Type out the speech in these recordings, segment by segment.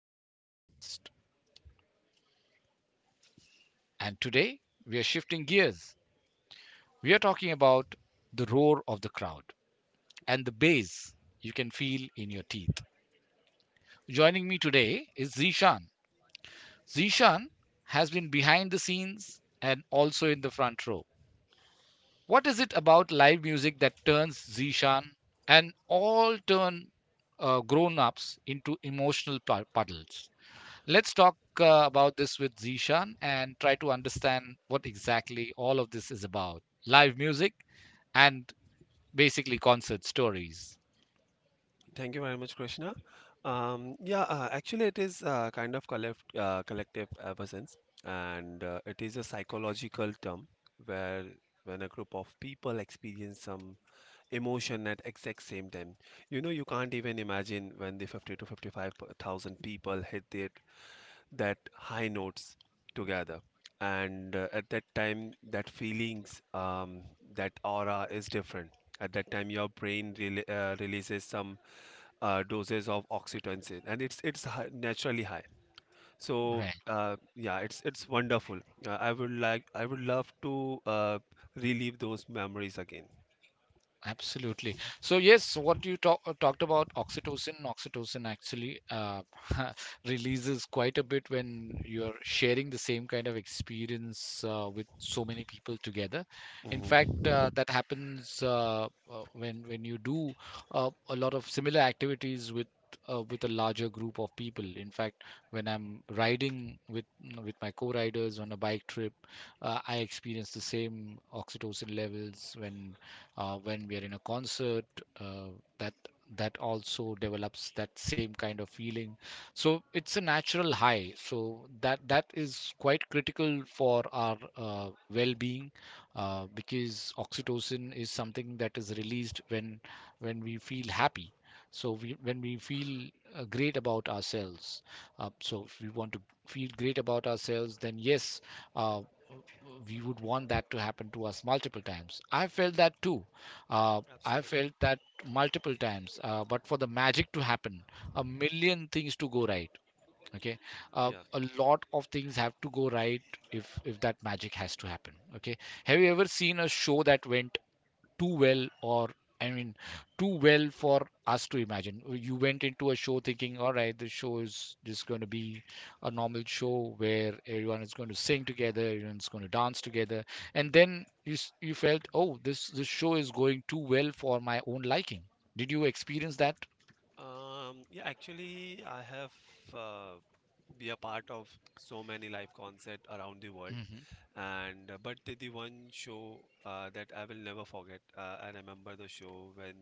Journey podcast. And today we are shifting gears. We are talking about the roar of the crowd and the bass you can feel in your teeth. Joining me today is Zishan. Zishan has been behind the scenes and also in the front row. What is it about live music that turns Zishan and all turn grown ups into emotional puddles? Let's talk about this with Zishan and try to understand what exactly all of this is about live music and basically concert stories. Thank you very much, Krishna. Yeah, actually, it is kind of collective absence, and it is a psychological term where when a group of people experience some emotion at exact same time, you can't even imagine when the 50 to 55 thousand people hit their that high notes together. And at that time, that aura is different. At that time your brain releases some doses of oxytocin, and it's high, naturally high. So Right? Yeah, it's wonderful. I would love to relive those memories again. Absolutely. So yes, what you talked about oxytocin, oxytocin actually releases quite a bit when you're sharing the same kind of experience with so many people together. In Hmm. fact, that happens when you do a lot of similar activities with a larger group of people. In fact, when I'm riding with with my co-riders on a bike trip, I experience the same oxytocin levels when we are in a concert uh, that that also develops that same kind of feeling, so it's a natural high, so that is quite critical for our well-being, because oxytocin is something that is released when we feel happy, so when we feel great about ourselves, so if we want to feel great about ourselves, then yes, uh, we would want that to happen to us multiple times. I felt that too. I Absolutely. felt that multiple times, but for the magic to happen, a million things to go right. Okay, Yeah. a lot of things have to go right if that magic has to happen. Okay, have you ever seen a show that went too well, or I mean too well for us to imagine? You went into a show thinking, all right, this show is just going to be a normal show where everyone is going to sing together, everyone's going to dance together, and then Hmm. You felt, oh, this show is going too well for my own liking. Did you experience that? Yeah, actually, I have uh, be a part of so many live concert around the world. Hmm. And but the one show that I will never forget. I remember the show when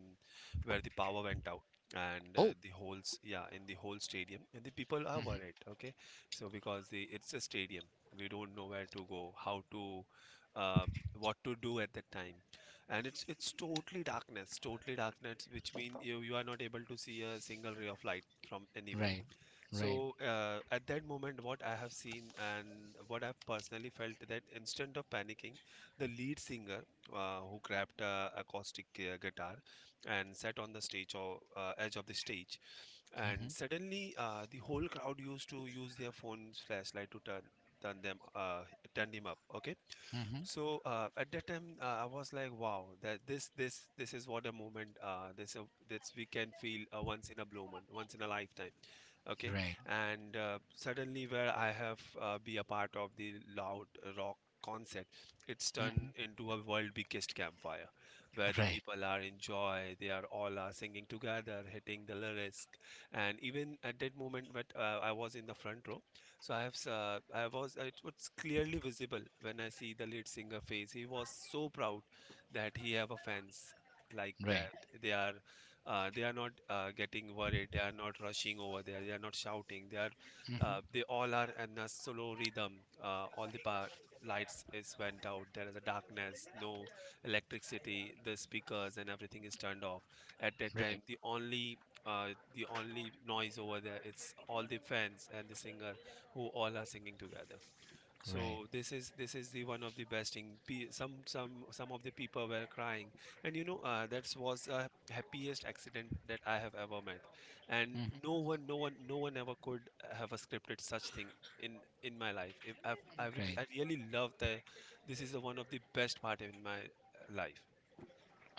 where the power went out. And Oh, the whole yeah, in the whole stadium, and the people are hmm. worried. Okay. So because the it's a stadium, we don't know where to go, how to, uh, what to do at that time. And it's totally darkness, totally darkness, which mean you are not able to see a single ray of light from anywhere. Right. Right. So at that moment, what I have seen and what I've personally felt that instead of panicking, the lead singer, who grabbed a acoustic guitar and sat on the stage, or edge of the stage, and Hmm. suddenly the whole crowd used to use their phone's flashlight to turn them, turn him up. Okay. Hmm. So at that time, I was like, "Wow, that this is what a moment. This we can feel once in a blue moon, once in a lifetime." Okay. Right. And suddenly, where I have be a part of the loud rock concert, it's Hmm. turned into a world biggest campfire, where the Right. people are in joy. They are all are singing together, hitting the lyrics, and even at that moment. But I was in the front row. So I have, s- I was, it was clearly visible when I see the lead singer face. He was so proud that he have a fans like Right. that. They are, they are not getting worried. They are not rushing over there. They are not shouting. They are, uh, Hmm. they all are in a slow rhythm. All the power lights is went out. There is a darkness, no electricity. The speakers and everything is turned off. At that time, Right. the only noise over there it's all the fans and the singer who all are singing together. Right. So this is the one of the best thing. Some of the people were crying, and that was the happiest accident that I have ever met. And Hmm. no one ever could have a scripted such thing in my life. If I've, I would, Right. I really love the This is one of the best part in my life.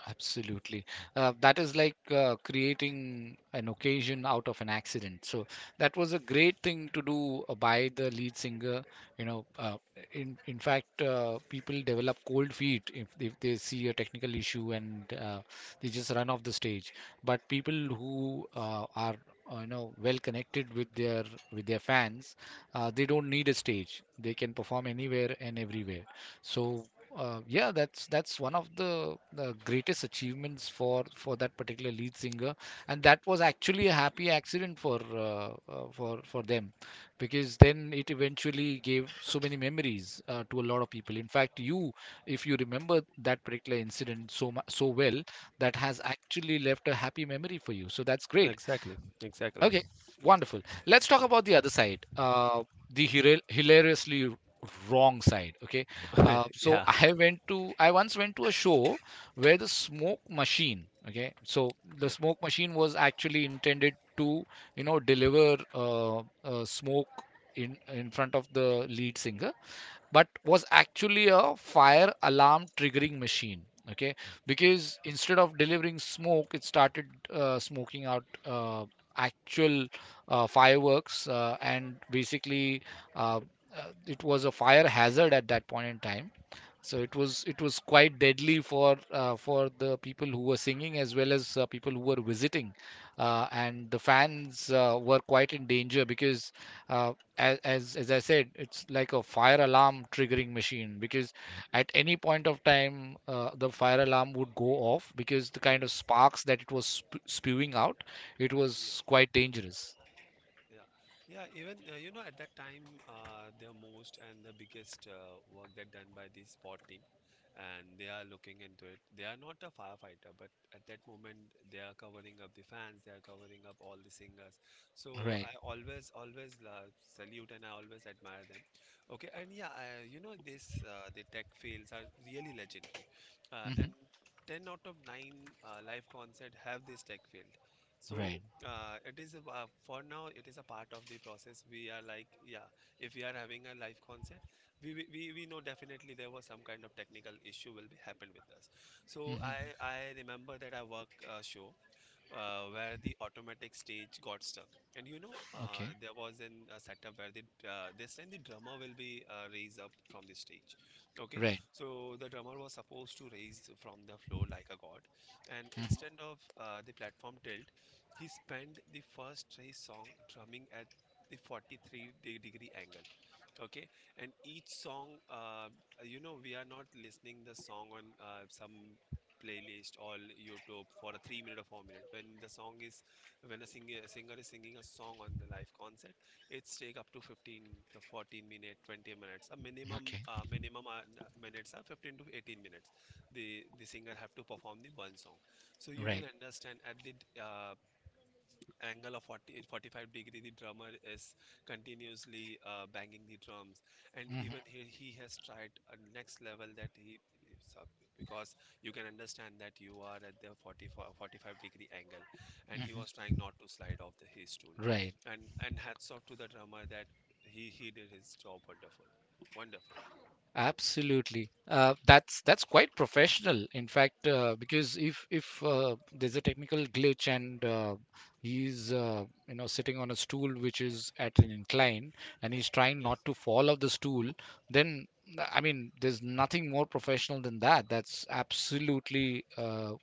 Absolutely. That is like creating an occasion out of an accident. So that was a great thing to do by the lead singer. You know, in fact, people develop cold feet if they see a technical issue, and they just run off the stage. But people who are you know, well connected with their fans, they don't need a stage. They can perform anywhere and everywhere. So yeah, that's one of the greatest achievements for that particular lead singer, and that was actually a happy accident for them, because then it eventually gave so many memories to a lot of people. In fact, you, if you remember that particular incident so well, that has actually left a happy memory for you. So that's great. Exactly, exactly. Okay, wonderful. Let's talk about the other side, the hilariously wrong side. Okay, so Yeah, I once went to a show where the smoke machine. Okay, so the yeah. smoke machine was actually intended to, you know, deliver smoke in front of the lead singer, but was actually a fire alarm triggering machine, okay, Okay. because instead of delivering smoke it started smoking out actual fireworks, and basically uh, it was a fire hazard at that point in time, so it was quite deadly for the people who were singing as well as people who were visiting, and the fans were quite in danger because uh, as I said, it's like a fire alarm triggering machine because at any point of time the fire alarm would go off because the kind of Yes. sparks that it was spewing out, it Yeah. was quite dangerous. Yeah, yeah. Even, at that time, the most and the biggest work that done by the sport team, and they are looking into it. They are not a firefighter, but at that moment, they are covering up the fans. They are covering up all the singers. So Right. I always, always salute, and I always admire them. Okay, and yeah, this the tech fields are really legendary, and Hmm. ten out of nine live concert have this tech field. So Right. For now it is a part of the process, we are like, yeah, if we are having a live concert, we know definitely there was some kind of technical issue will be happened with us. So i Hmm. i remember that I work a show where the automatic stage got stuck. And Okay. there was an setup where the this time the drummer will be raised up from the stage. Okay, Right. so the drummer was supposed to raise from the floor like a god, and instead of the platform tilt, he spent the first three song drumming at the 43 degree angle. Okay. And each song, we are not listening the song on some playlist or YouTube for a 3 minute or 4 minute. When a singer is singing a song on the live concert, it's take up to 15 to 14 minute, 20 minutes. A minimum, Okay. Minimum n- minutes are 15 to 18 minutes. The singer have to perform the one song. So you can Right. understand at the angle of 40, 45 degree, the drummer is continuously banging the drums. And even Hmm. he has tried a next level, that it's up- because you can understand that you are at the 40, 45-degree angle, and he was trying not to slide off the his stool. Right. And hats off to the drummer that he did his job wonderful, wonderful. Absolutely. That's quite professional, in fact, because if there's a technical glitch, and he's you know, sitting on a stool which is at an incline, and he's trying Yeah. not to fall off the stool, then I mean there's nothing more professional than that. That's absolutely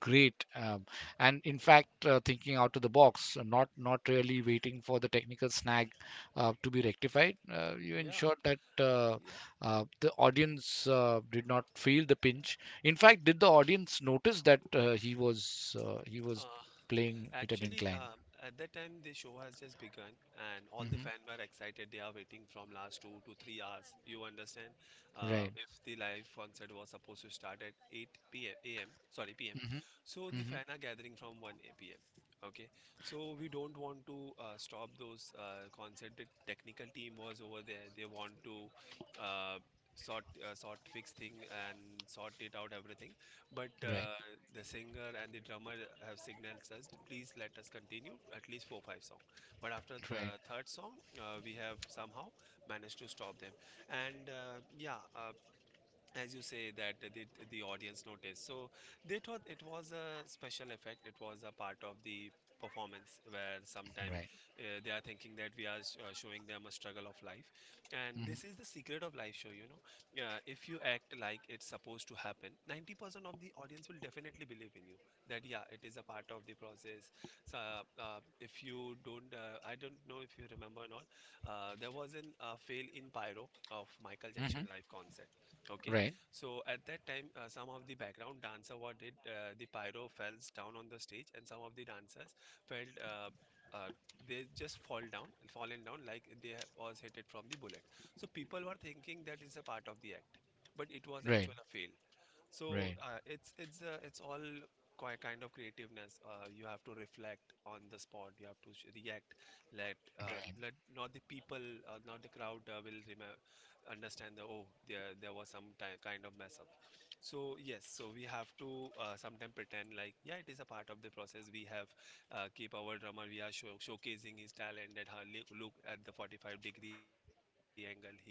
great. And in fact, thinking out of the box, not not really waiting for the technical snag to be rectified, you Yeah, ensured that yeah. The audience did not feel the pinch. In fact, did the audience notice that he was uh, playing it at Actually, incline? At that time, the show has just begun, and all the Hmm. fans were excited. They are waiting from last 2 to 3 hours. You understand? Right. If the live concert was supposed to start at 8 p.m. a.m. Sorry, p.m. Hmm. So the Hmm. fans are gathering from 1 p.m. Okay, so we don't want to stop those concert. The technical team was over there. They want to uh, sort sort fix thing and sort it out everything. But Right. The singer and the drummer have signaled us, please let us continue at least four, five songs. But after Right. the third song, we have somehow managed to stop them. And yeah, as you say that the audience noticed, so they thought it was a special effect, it was a part of the performance where Right. sometimes they are thinking that we are showing them a struggle of life, and Hmm. this is the secret of live show. If you act like it's supposed to happen, 90% of the audience will definitely believe in you, that, yeah, it is a part of the process. So if you don't I don't know if you remember or not. There was an fail in pyro of Michael Hmm. Jackson live concert. Okay. Right. So at that time, some of the background dancer, what did the pyro falls down on the stage, and some of the dancers felt. Uh, they just fall down, fallen down, like they was hit it from the bullet. So people were thinking that is a part of the act, but it was Right. actual a fail. Right. So it's all kind of creativeness. You have to reflect on the spot. You have to react. Let Right. uh, let not the people, not the crowd, will remember, understand that, oh, there was some kind of mess up. So yes, so we have to sometimes pretend like, yeah, it is a part of the process. We have keep our drummer. We are showcasing his talent, that hardly look at the 45-degree angle. He can drum well.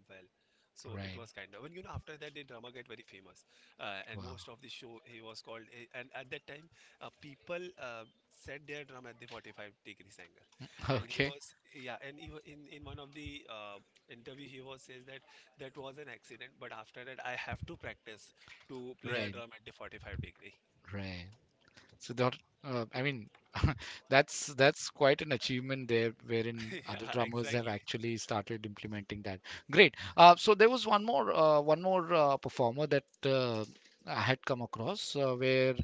So it was kind of, and Right. After that, the drummer get very famous and most of the Wow. show he was called, and at that time people set their drum at the 45 degrees angle. And he Okay. was, yeah, and in one of the interview he was says that that was an accident, but after that, I have to practice to play Right. a drum at the 45 degree. Right. So that, I mean, that's quite an achievement there, wherein other Yeah, drummers have exactly. actually started implementing that. Great. So there was one more performer that I had come across where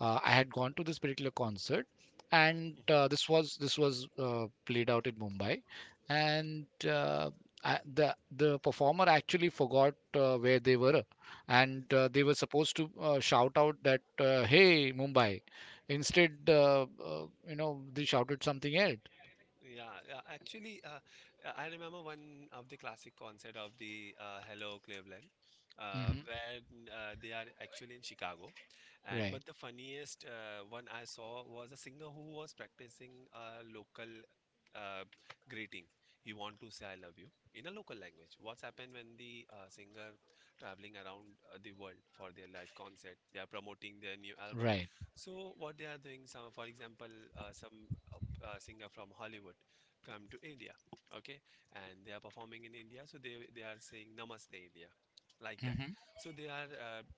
I had gone to this particular concert, and Mhm. This was played out in Mumbai, and the performer actually forgot where they were, and they were supposed to shout out that "Hey Mumbai." Instead, you know, they shouted something else. Yeah, yeah. Actually, I remember one of the classic concert of the Hello Cleveland, Hmm. where they are actually in Chicago, and Right. but the funniest one I saw was a singer who was practicing a local uh, greeting. He want to say "I love you" in a local language. What's happened when the singer traveling around the world for their live concert? They are promoting their new album. Right. So what they are doing? Some, for example, some singer from Hollywood come to India, okay, and they are performing in India, so they are saying Namaste India, like that. Hmm. So they are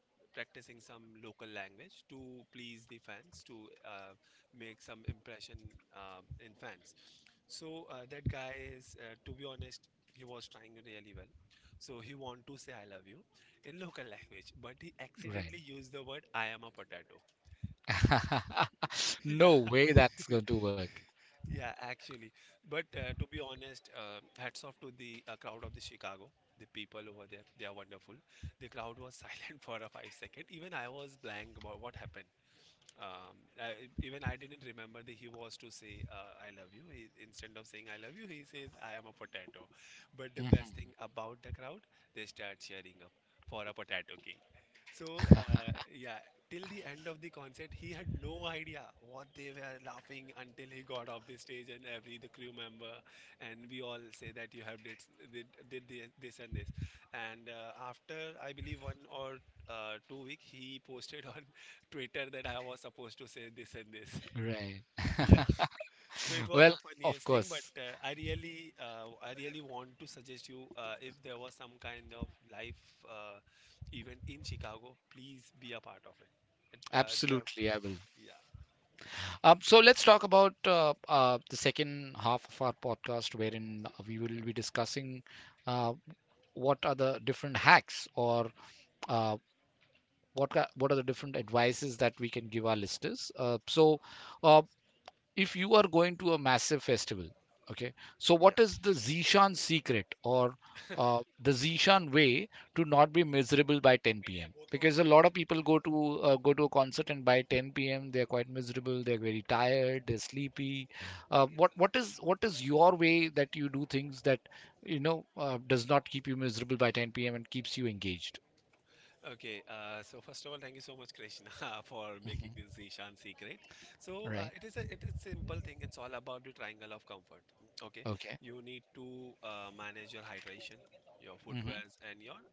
practicing some local language to please the fans, to make some impression in fans. So to be honest, he was trying really well. So he want to say I love you in local language, but he Right. accidentally used the word I am a potato. No Yeah. way that's going to work. Yeah, actually. But to be honest, hats off to the crowd of the Chicago. The people over there, they are wonderful. The crowd was silent for a five second. Even I was blank about what happened. Even I didn't remember that he was to say "I love you." He, instead of saying "I love you," he says "I am a potato." But the Mhm. best thing about the crowd, they start cheering up for a potato king. So yeah, till the end of the concert, he had no idea what they were laughing until he got off the stage, and every the crew member and we all say that you have did this and this. And after I believe one or 2 weeks, he posted on Twitter that I was supposed to say this and this. Right. Yeah, so it was Well, the of funniest thing, but course. I really want to suggest you if there was some kind of life uh, event in Chicago, please be a part of it. it uh, there, Absolutely, I will. yeah, So let's talk about the second half of our podcast, wherein we will be discussing uh, what are the different hacks, or uh, what are the different advices that we can give our listeners. So, uh, if you are going to a massive festival, okay, so what yeah. is the Zishan secret, or the Zishan way to not be miserable by 10 p.m.? Because a lot of people go to go to a concert, and by 10 p.m. they are quite miserable. They are very tired. They're sleepy. What is your way that you do things that you know does not keep you miserable by 10 p.m. and keeps you engaged? Okay, so first of all, thank you so much, Krishna, for making Hmm. this Ishan secret. So Right. It is a it is simple thing. It's all about the triangle of comfort. Okay, Okay. you need to manage your hydration, your Hmm. footwears, and your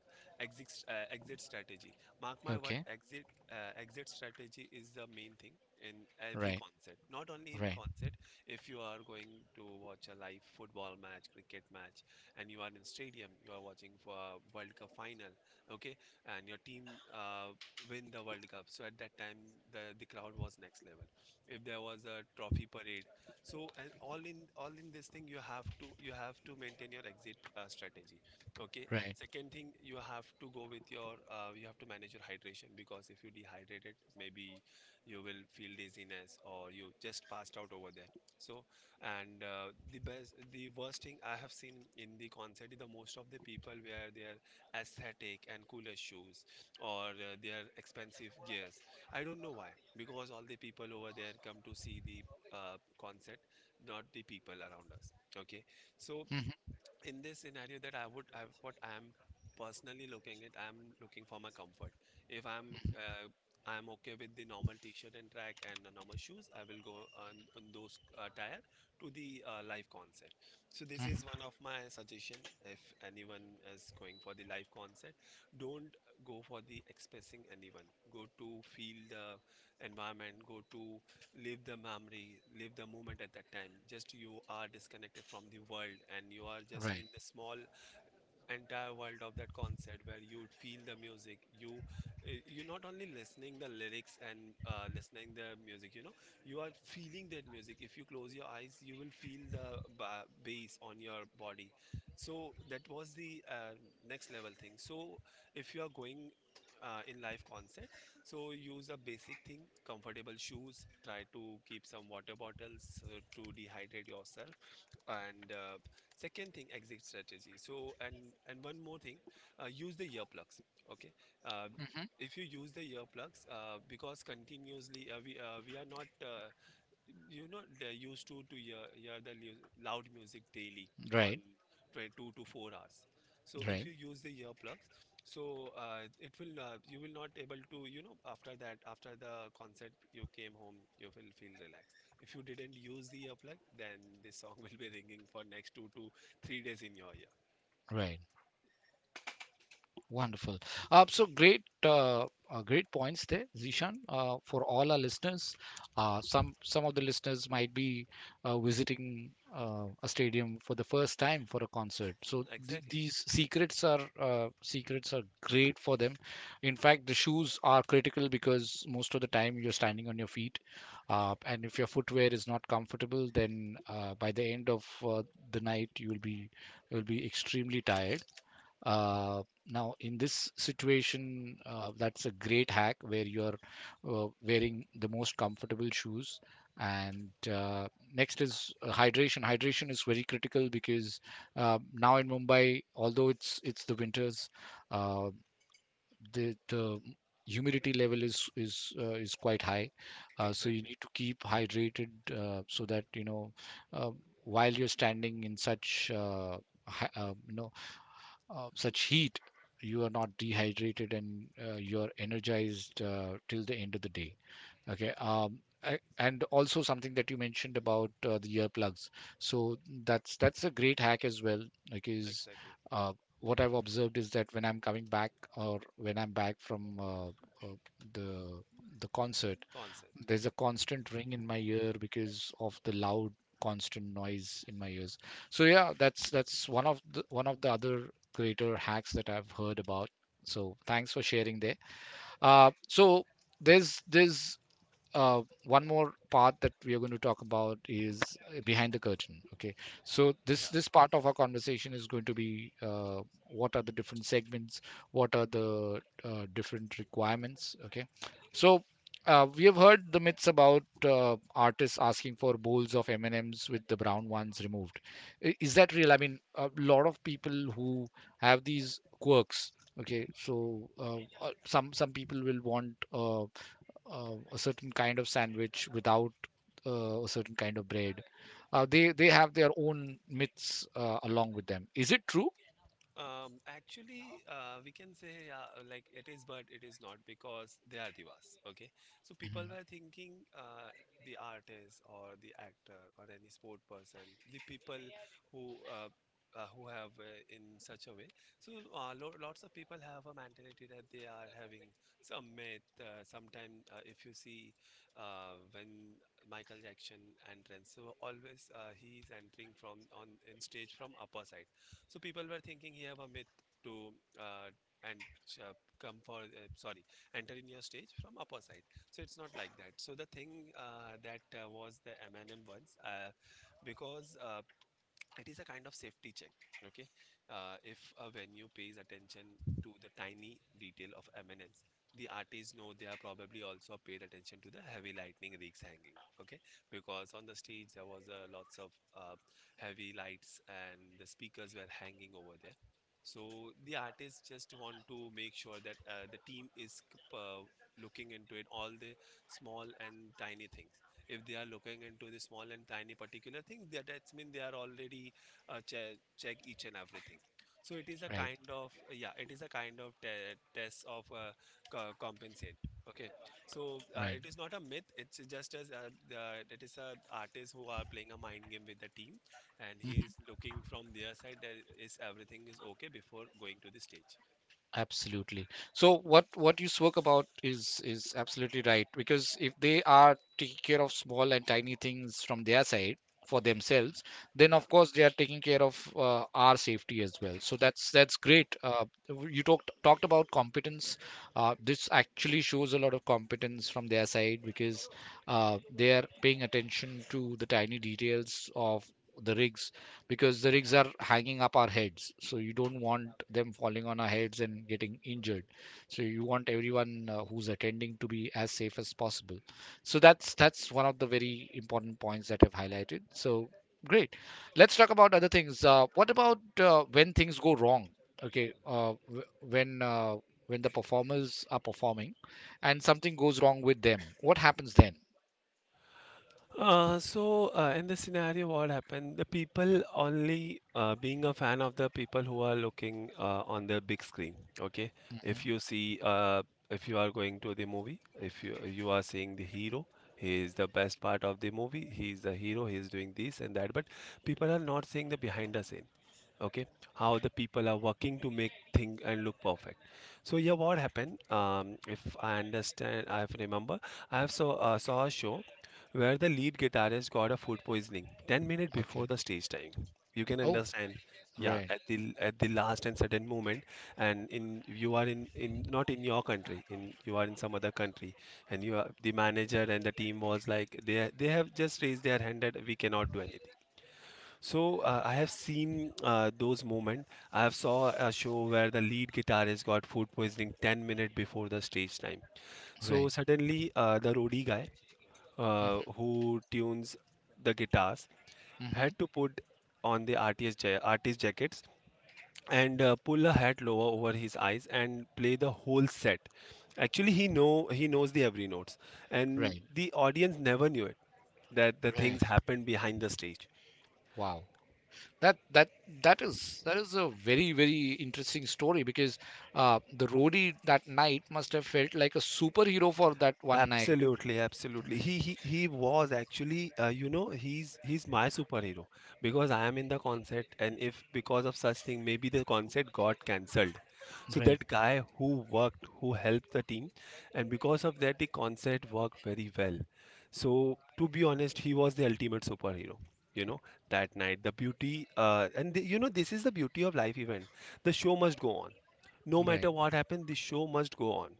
exit strategy. Mark my word, Okay. exit exit strategy is the main thing in every Right. concert. Not only in Right. concert, if you are going to watch a live football match, cricket match, and you are in stadium, you are watching for a World Cup final. Okay, and your team win the World Cup. So at that time, the crowd was next level. If there was a trophy parade, so and all in this thing, you have to maintain your exit strategy. Okay. Right. Second thing, you have to go with your you have to manage your hydration because if you dehydrate it, maybe you will feel dizziness or you just passed out over there. So and the worst thing I have seen in the concert is the most of the people where they are aesthetic and cooler shoes or their expensive gears. I don't know why, because all the people over there come to see the concert, not the people around us. Okay, so Hmm. in this scenario that I would, I, what I'm personally looking at, I'm looking for my comfort. If I'm, I'm okay with the normal t-shirt and track and the normal shoes, I will go on those tire to the live concert. So this Hmm. is one of my suggestion. If anyone is going for the live concert, don't go for the expressing anyone. Go to feel the environment. Go to leave the memory, leave the moment at that time. Just you are disconnected from the world and you are just Right. in the small entire world of that concert where you'd feel the music you you're not only listening the lyrics and listening the music, you know, you are feeling that music. If you close your eyes you will feel the bass on your body. So that was the next level thing. So if you are going in live concert, so use a basic thing, comfortable shoes, try to keep some water bottles to dehydrate yourself. And second thing, exit strategy. So and one more thing, use the earplugs. Okay. uh, Hmm. if you use the earplugs, because continuously we are not they used to hear, hear the loud music daily on Right. 22 to 4 hours. So Right. if you use the earplugs, so it will you will not able to, you know, after that, after the concert you came home, you will feel relaxed. If you didn't use the earplug, then this song will be ringing for next 2 to 3 days in your ear. Right. Wonderful. So great, great points there, Zishan. For all our listeners, some of the listeners might be visiting a stadium for the first time for a concert. So Exactly, these secrets are great for them. In fact, the shoes are critical because most of the time you're standing on your feet, and if your footwear is not comfortable, then by the end of the night you'll be extremely tired. Now, in this situation, that's a great hack where you're wearing the most comfortable shoes. And next is hydration. Hydration is very critical because now in Mumbai, although it's the winters, uh, the humidity level is quite high. So you exactly, need to keep hydrated so that you know uh, while you're standing in such you know, such heat, you are not dehydrated, and you're energized till the end of the day. Okay. And also something that you mentioned about the earplugs. So that's a great hack as well, because exactly. uh, what I've observed is that when I'm coming back, or when I'm back from uh, the the concert, Concert. there's a constant ring in my ear because of the loud constant noise in my ears. So yeah, that's one of the other creator hacks that I've heard about. So thanks for sharing there. So there's one more part that we are going to talk about is behind the curtain. Okay, so this Yeah. this part of our conversation is going to be what are the different segments, what are the different requirements. Okay, so we have heard the myths about artists asking for bowls of M&M's with the brown ones removed. Is that real? I mean, a lot of people who have these quirks. Okay, so some people will want a certain kind of sandwich without a certain kind of bread. They have their own myths along with them. Is it true? Actually, we can say like it is, but it is not because they are divas. Okay, so people Mhm. were thinking the artist or the actor or any sport person, the people who uh, who have in such a way. So lo lots of people have a mentality that they are having some myth. Sometime if you see when Michael Jackson entrance, so always he's entering from on in stage from upper side, so people were thinking here of a myth to uh, and uh, come for sorry, enter in your stage from upper side. So it's not like that. So the thing that was the M&M once, because it is a kind of safety check. Okay. If a venue pays attention to the tiny detail of eminence, the artists know they are probably also paid attention to the heavy lightning rigs hanging. Okay, because on the stage there was lots of uh, heavy lights and the speakers were hanging over there. So the artists just want to make sure that the team is uh, looking into it, all the small and tiny things. If they are looking into the small and tiny particular things, that's mean they are already check each and everything. So it is a Right, kind of, yeah, it is a kind of test of compensate. Okay, so right. it is not a myth, it's just as it is a artist who are playing a mind game with the team, and he Mm-hmm. is looking from their side that is everything is okay before going to the stage. Absolutely. So what you spoke about is absolutely right because if they are taking care of small and tiny things from their side for themselves, then of Yeah. course they are taking care of our safety as well. So that's great. You talked about competence. This actually shows a lot of competence from their side because they are paying attention to the tiny details of the rigs, because the rigs are hanging up our heads, so you don't want them falling on our heads and getting injured. So you want everyone, who's attending, to be as safe as possible. So that's one of the very important points that I've highlighted. So great, let's talk about other things. What about, when things go wrong? Okay. When uh, when the performers are performing and something goes wrong with them, what happens then? In this scenario, what happened? The people only being a fan of the people who are looking on the big screen. Okay, if you see, if you are going to the movie, if you are seeing the hero, he is the best part of the movie. He is the hero. He is doing this and that. But people are not seeing the behind the scene. Okay, how the people are working to make thing and look perfect. So yeah, what happened? If I understand, I have remember, I have saw a show where the lead guitarist got a food poisoning 10 minutes Okay. before the stage time. You can Oh. understand. Yeah, Right, at the last and sudden moment, and in you are in not in your country, in you are in some other country, and you are the manager and the team was like they have just raised their hand that we cannot do anything. So I have seen those moments. I have saw a show where the lead guitarist got food poisoning 10 minutes before the stage time. So right. suddenly the roadie guy who tunes the guitars Hmm. had to put on the artist jackets and pull a hat lower over his eyes and play the whole set. Actually, he knows the every notes, and Right, the audience never knew it that the right. things happened behind the stage. Wow. That that is, that is a very, very interesting story, because the roadie that night must have felt like a superhero for that one night. Absolutely, absolutely. He was actually, he's my superhero because I am in the concert, and if because of such thing, maybe the concert got cancelled. So Right, that guy who worked, who helped the team, and because of that, the concert worked very well. So to be honest, he was the ultimate superhero. You know, that night, the beauty, and the, you know, this is the beauty of live event. The show must go on. No right, matter what happens, the show must go on.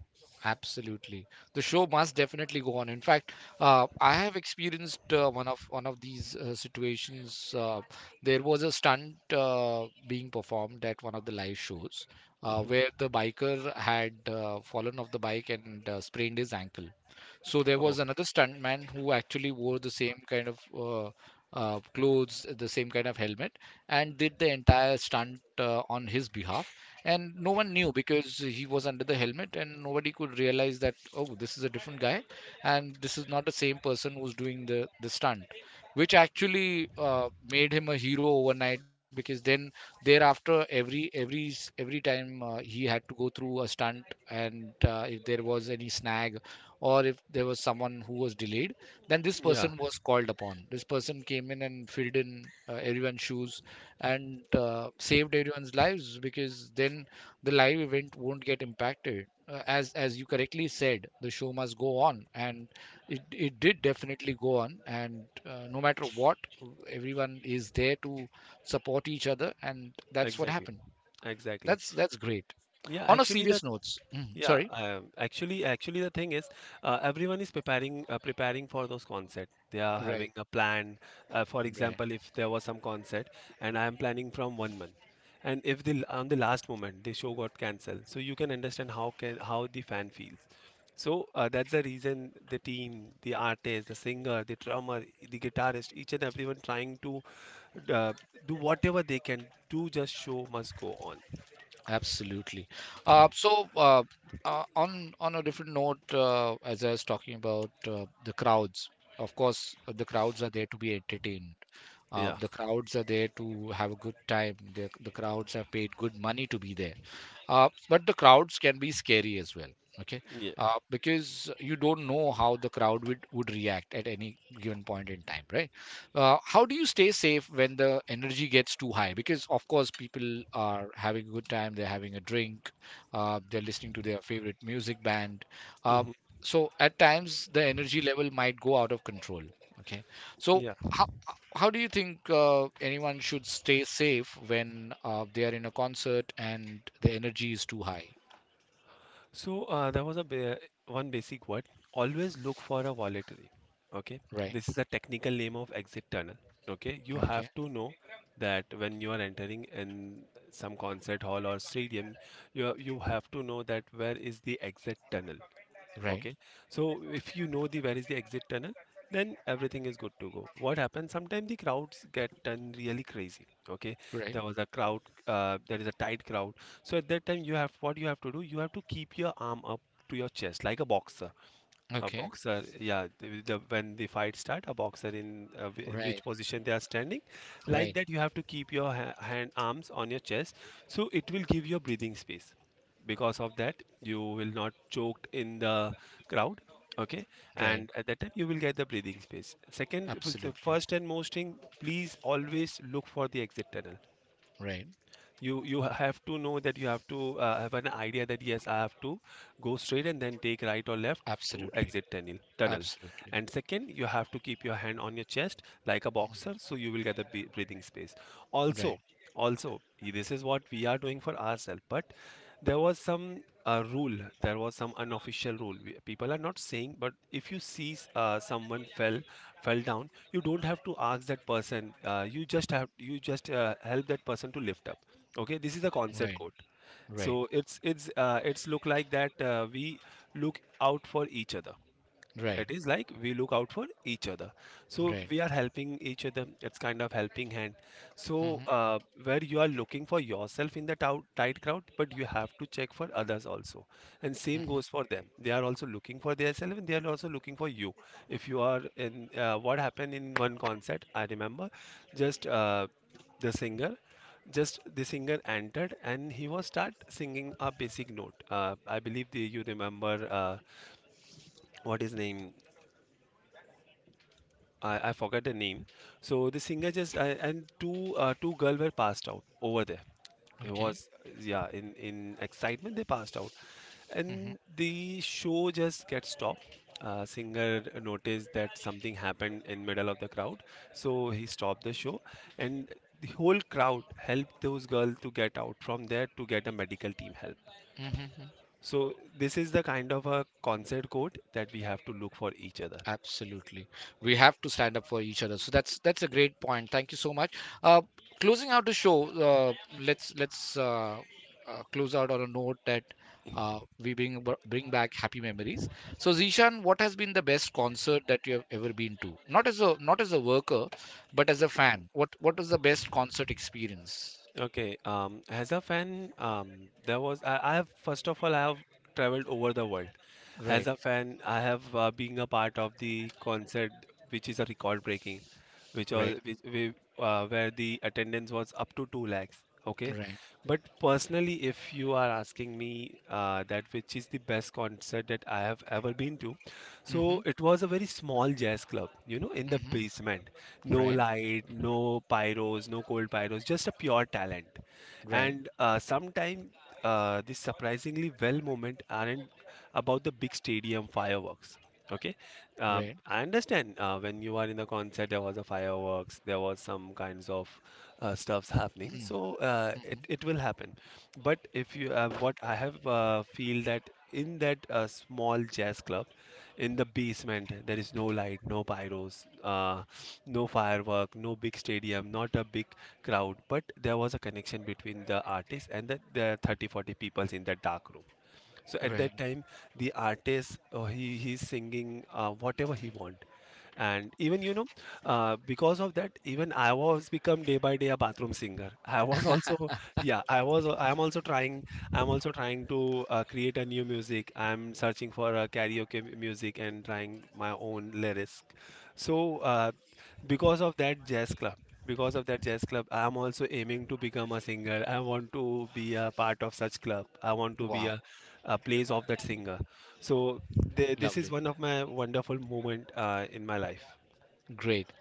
absolutely. The show must definitely go on. In fact, I have experienced one of these situations. There was a stunt being performed at one of the live shows, Hmm. where the biker had fallen off the bike and sprained his ankle. So there Oh. was another stuntman who actually wore the same kind of clothes, the same kind of helmet, and did the entire stunt on his behalf. And no one knew, because he was under the helmet, and nobody could realize that, oh, this is a different guy, and this is not the same person who's doing the stunt, which actually made him a hero overnight. Because then thereafter, every time he had to go through a stunt, and if there was any snag, or if there was someone who was delayed, then this Yeah. person was called upon. This person came in and filled in everyone's shoes and saved everyone's lives, because then the live event won't get impacted. Uh, as you correctly said, the show must go on, and it did definitely go on, and no matter what, everyone is there to support each other, and that's what Exactly, happened. exactly. That's great. Yeah, On a actually the serious notes, yeah, sorry. Actually the thing is everyone is preparing for those concert. They are Right, having a plan. For right. example, if there was some concert and I am planning from 1 month and if the on the last moment the show got cancelled, so you can understand how can how the fan feels. So that's the reason the team, the artist, the singer, the drummer, the guitarist, each and everyone trying to uh, do whatever they can do just show must go on. Absolutely. So, on a different note, as I was talking about the crowds, of course, the crowds are there to be entertained. Yeah. The crowds are there to have a good time. The crowds have paid good money to be there, but the crowds can be scary as well. Okay. Yeah. Because you don't know how the crowd would react at any given point in time, right? How do you stay safe when the energy gets too high? Because of course, people are having a good time, they're having a drink, they're listening to their favorite music band. Uh, Hmm. so at times the energy level might go out of control. Okay, so Yeah. how how do you think anyone should stay safe when they are in a concert and the energy is too high? So there was a ba- one basic word. Always look for a voluntary. Okay. Right. This is a technical name of exit tunnel. Okay. You have Okay. to know that when you are entering in some concert hall or stadium, you have to know that where is the exit tunnel. Right. Okay. So if you know the where is the exit tunnel, then everything is good to go. What happens? Sometimes the crowds get done really crazy. Okay. Right. There was a crowd, there is a tight crowd. So at that time you have what you have to do, you have to keep your arm up to your chest like a boxer. Okay. Yeah, when the fight start, a boxer in, in Right. which position they are standing, like Right. that you have to keep your ha hand arms on your chest, so it will give you a breathing space. Because of that, you will not choked in the crowd, okay? Right. And at that time, you will get the breathing space. Second, the Absolutely. first and most thing, please always look for the exit tunnel. Right. You have to know that you have to have an idea that yes, I have to go straight and then take right or left to Absolutely. exit tunnel, Absolutely. and second you have to keep your hand on your chest like a boxer, so you will get the breathing space also. Right. also this is what we are doing for ourselves, but there was some rule, there was some unofficial rule. People are not saying, but if you see someone fell down, you don't have to ask that person, you just help that person to lift up. Okay, this is a concept Right. code, Right. so it's look like that we look out for each other. Right. It is like we look out for each other, so Right. we are helping each other. It's kind of helping hand. So Mm-hmm. Where you are looking for yourself in the tight crowd, but you have to check for others also, and same goes for Mm-hmm. them. They are also looking for themselves and they are also looking for you. If you are in what happened in one concert, I remember, just the singer, just the singer entered and he was start singing a basic note. I believe you remember, what his name? I forgot the name. So the singer just and two girl were passed out over there. It Okay. was, yeah, in excitement they passed out, Mm-hmm. and the show just gets stopped. Singer noticed that something happened in middle of the crowd, so he stopped the show, and the whole crowd helped those girls to get out from there to get a medical team help. Mm-hmm. So this is the kind of a concert code that we have to look for each other. Absolutely. We have to stand up for each other. So that's a great point. Thank you so much. Uh, closing out the show, let's close out on a note that we bring back happy memories. So Zishan, what has been the best concert that you have ever been to? Not as a not as a worker, but as a fan. What was the best concert experience? Okay, as a fan, there was, I have, first of all, I have traveled over the world. As Right, a fan, I have been a part of the concert which is a record breaking, which right, was which, we, where the attendance was up to two lakhs. Okay, right. but personally, if you are asking me that which is the best concert that I have ever been to, so Mhm, it was a very small jazz club, you know, in the mhm. basement. No Right, light, no pyros, no cold pyros, just a pure talent. right, And sometimes these surprisingly well moment aren't about the big stadium fireworks. Okay, right. I understand when you are in the concert, there was a fireworks, there was some kinds of stuffs happening. Mhm, So mhm. it will happen. But if you what I have feel that in that small jazz club, in the basement, there is no light, no pyros. No firework, no big stadium, not a big crowd, but there was a connection between the artist and the 30 40 people in the dark room. So at Right. that time, the artist, he's singing whatever he want, and even you know, because of that, even I was become day by day a bathroom singer. I was also, yeah, I am also trying. I'm also trying to create a new music. I'm searching for a karaoke music and trying my own lyrics. so uh, because of that jazz club because of that jazz club, I'm also aiming to become a singer. I want to be a part of such club. I want to be Wow, a place of that singer. So this is lovely. one of my wonderful moment in my life. Great.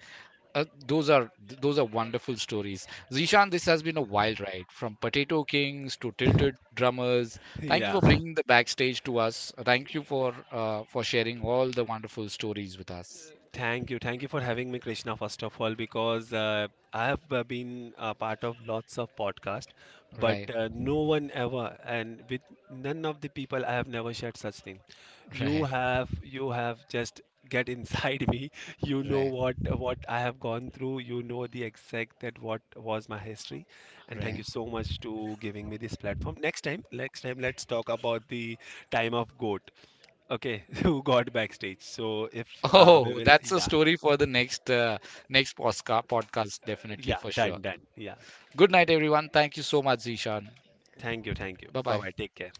Those are those are wonderful stories. Zishan, this has been a wild ride from Potato Kings to Tilted Drummers. Thank you Yeah. for bringing the backstage to us. Thank you for, for sharing all the wonderful stories with us. Thank you. Thank you for having me, Krishna, first of all, because I have been a part of lots of podcasts, but Right, no one ever, and with none of the people, I have never shared such thing. Right, You have just get inside me. You know right, what I have gone through. You know the exact that what was my history, and thank right. you so much to giving me this platform. Next time, let's talk about the time of goat. Okay, who got backstage? So if we Oh, will, that's a yeah. story for the next, next podcast, definitely Yeah, for sure. Done. Yeah. Good night, everyone. Thank you so much, Zishan. Thank you. Bye Bye bye. bye. Take care.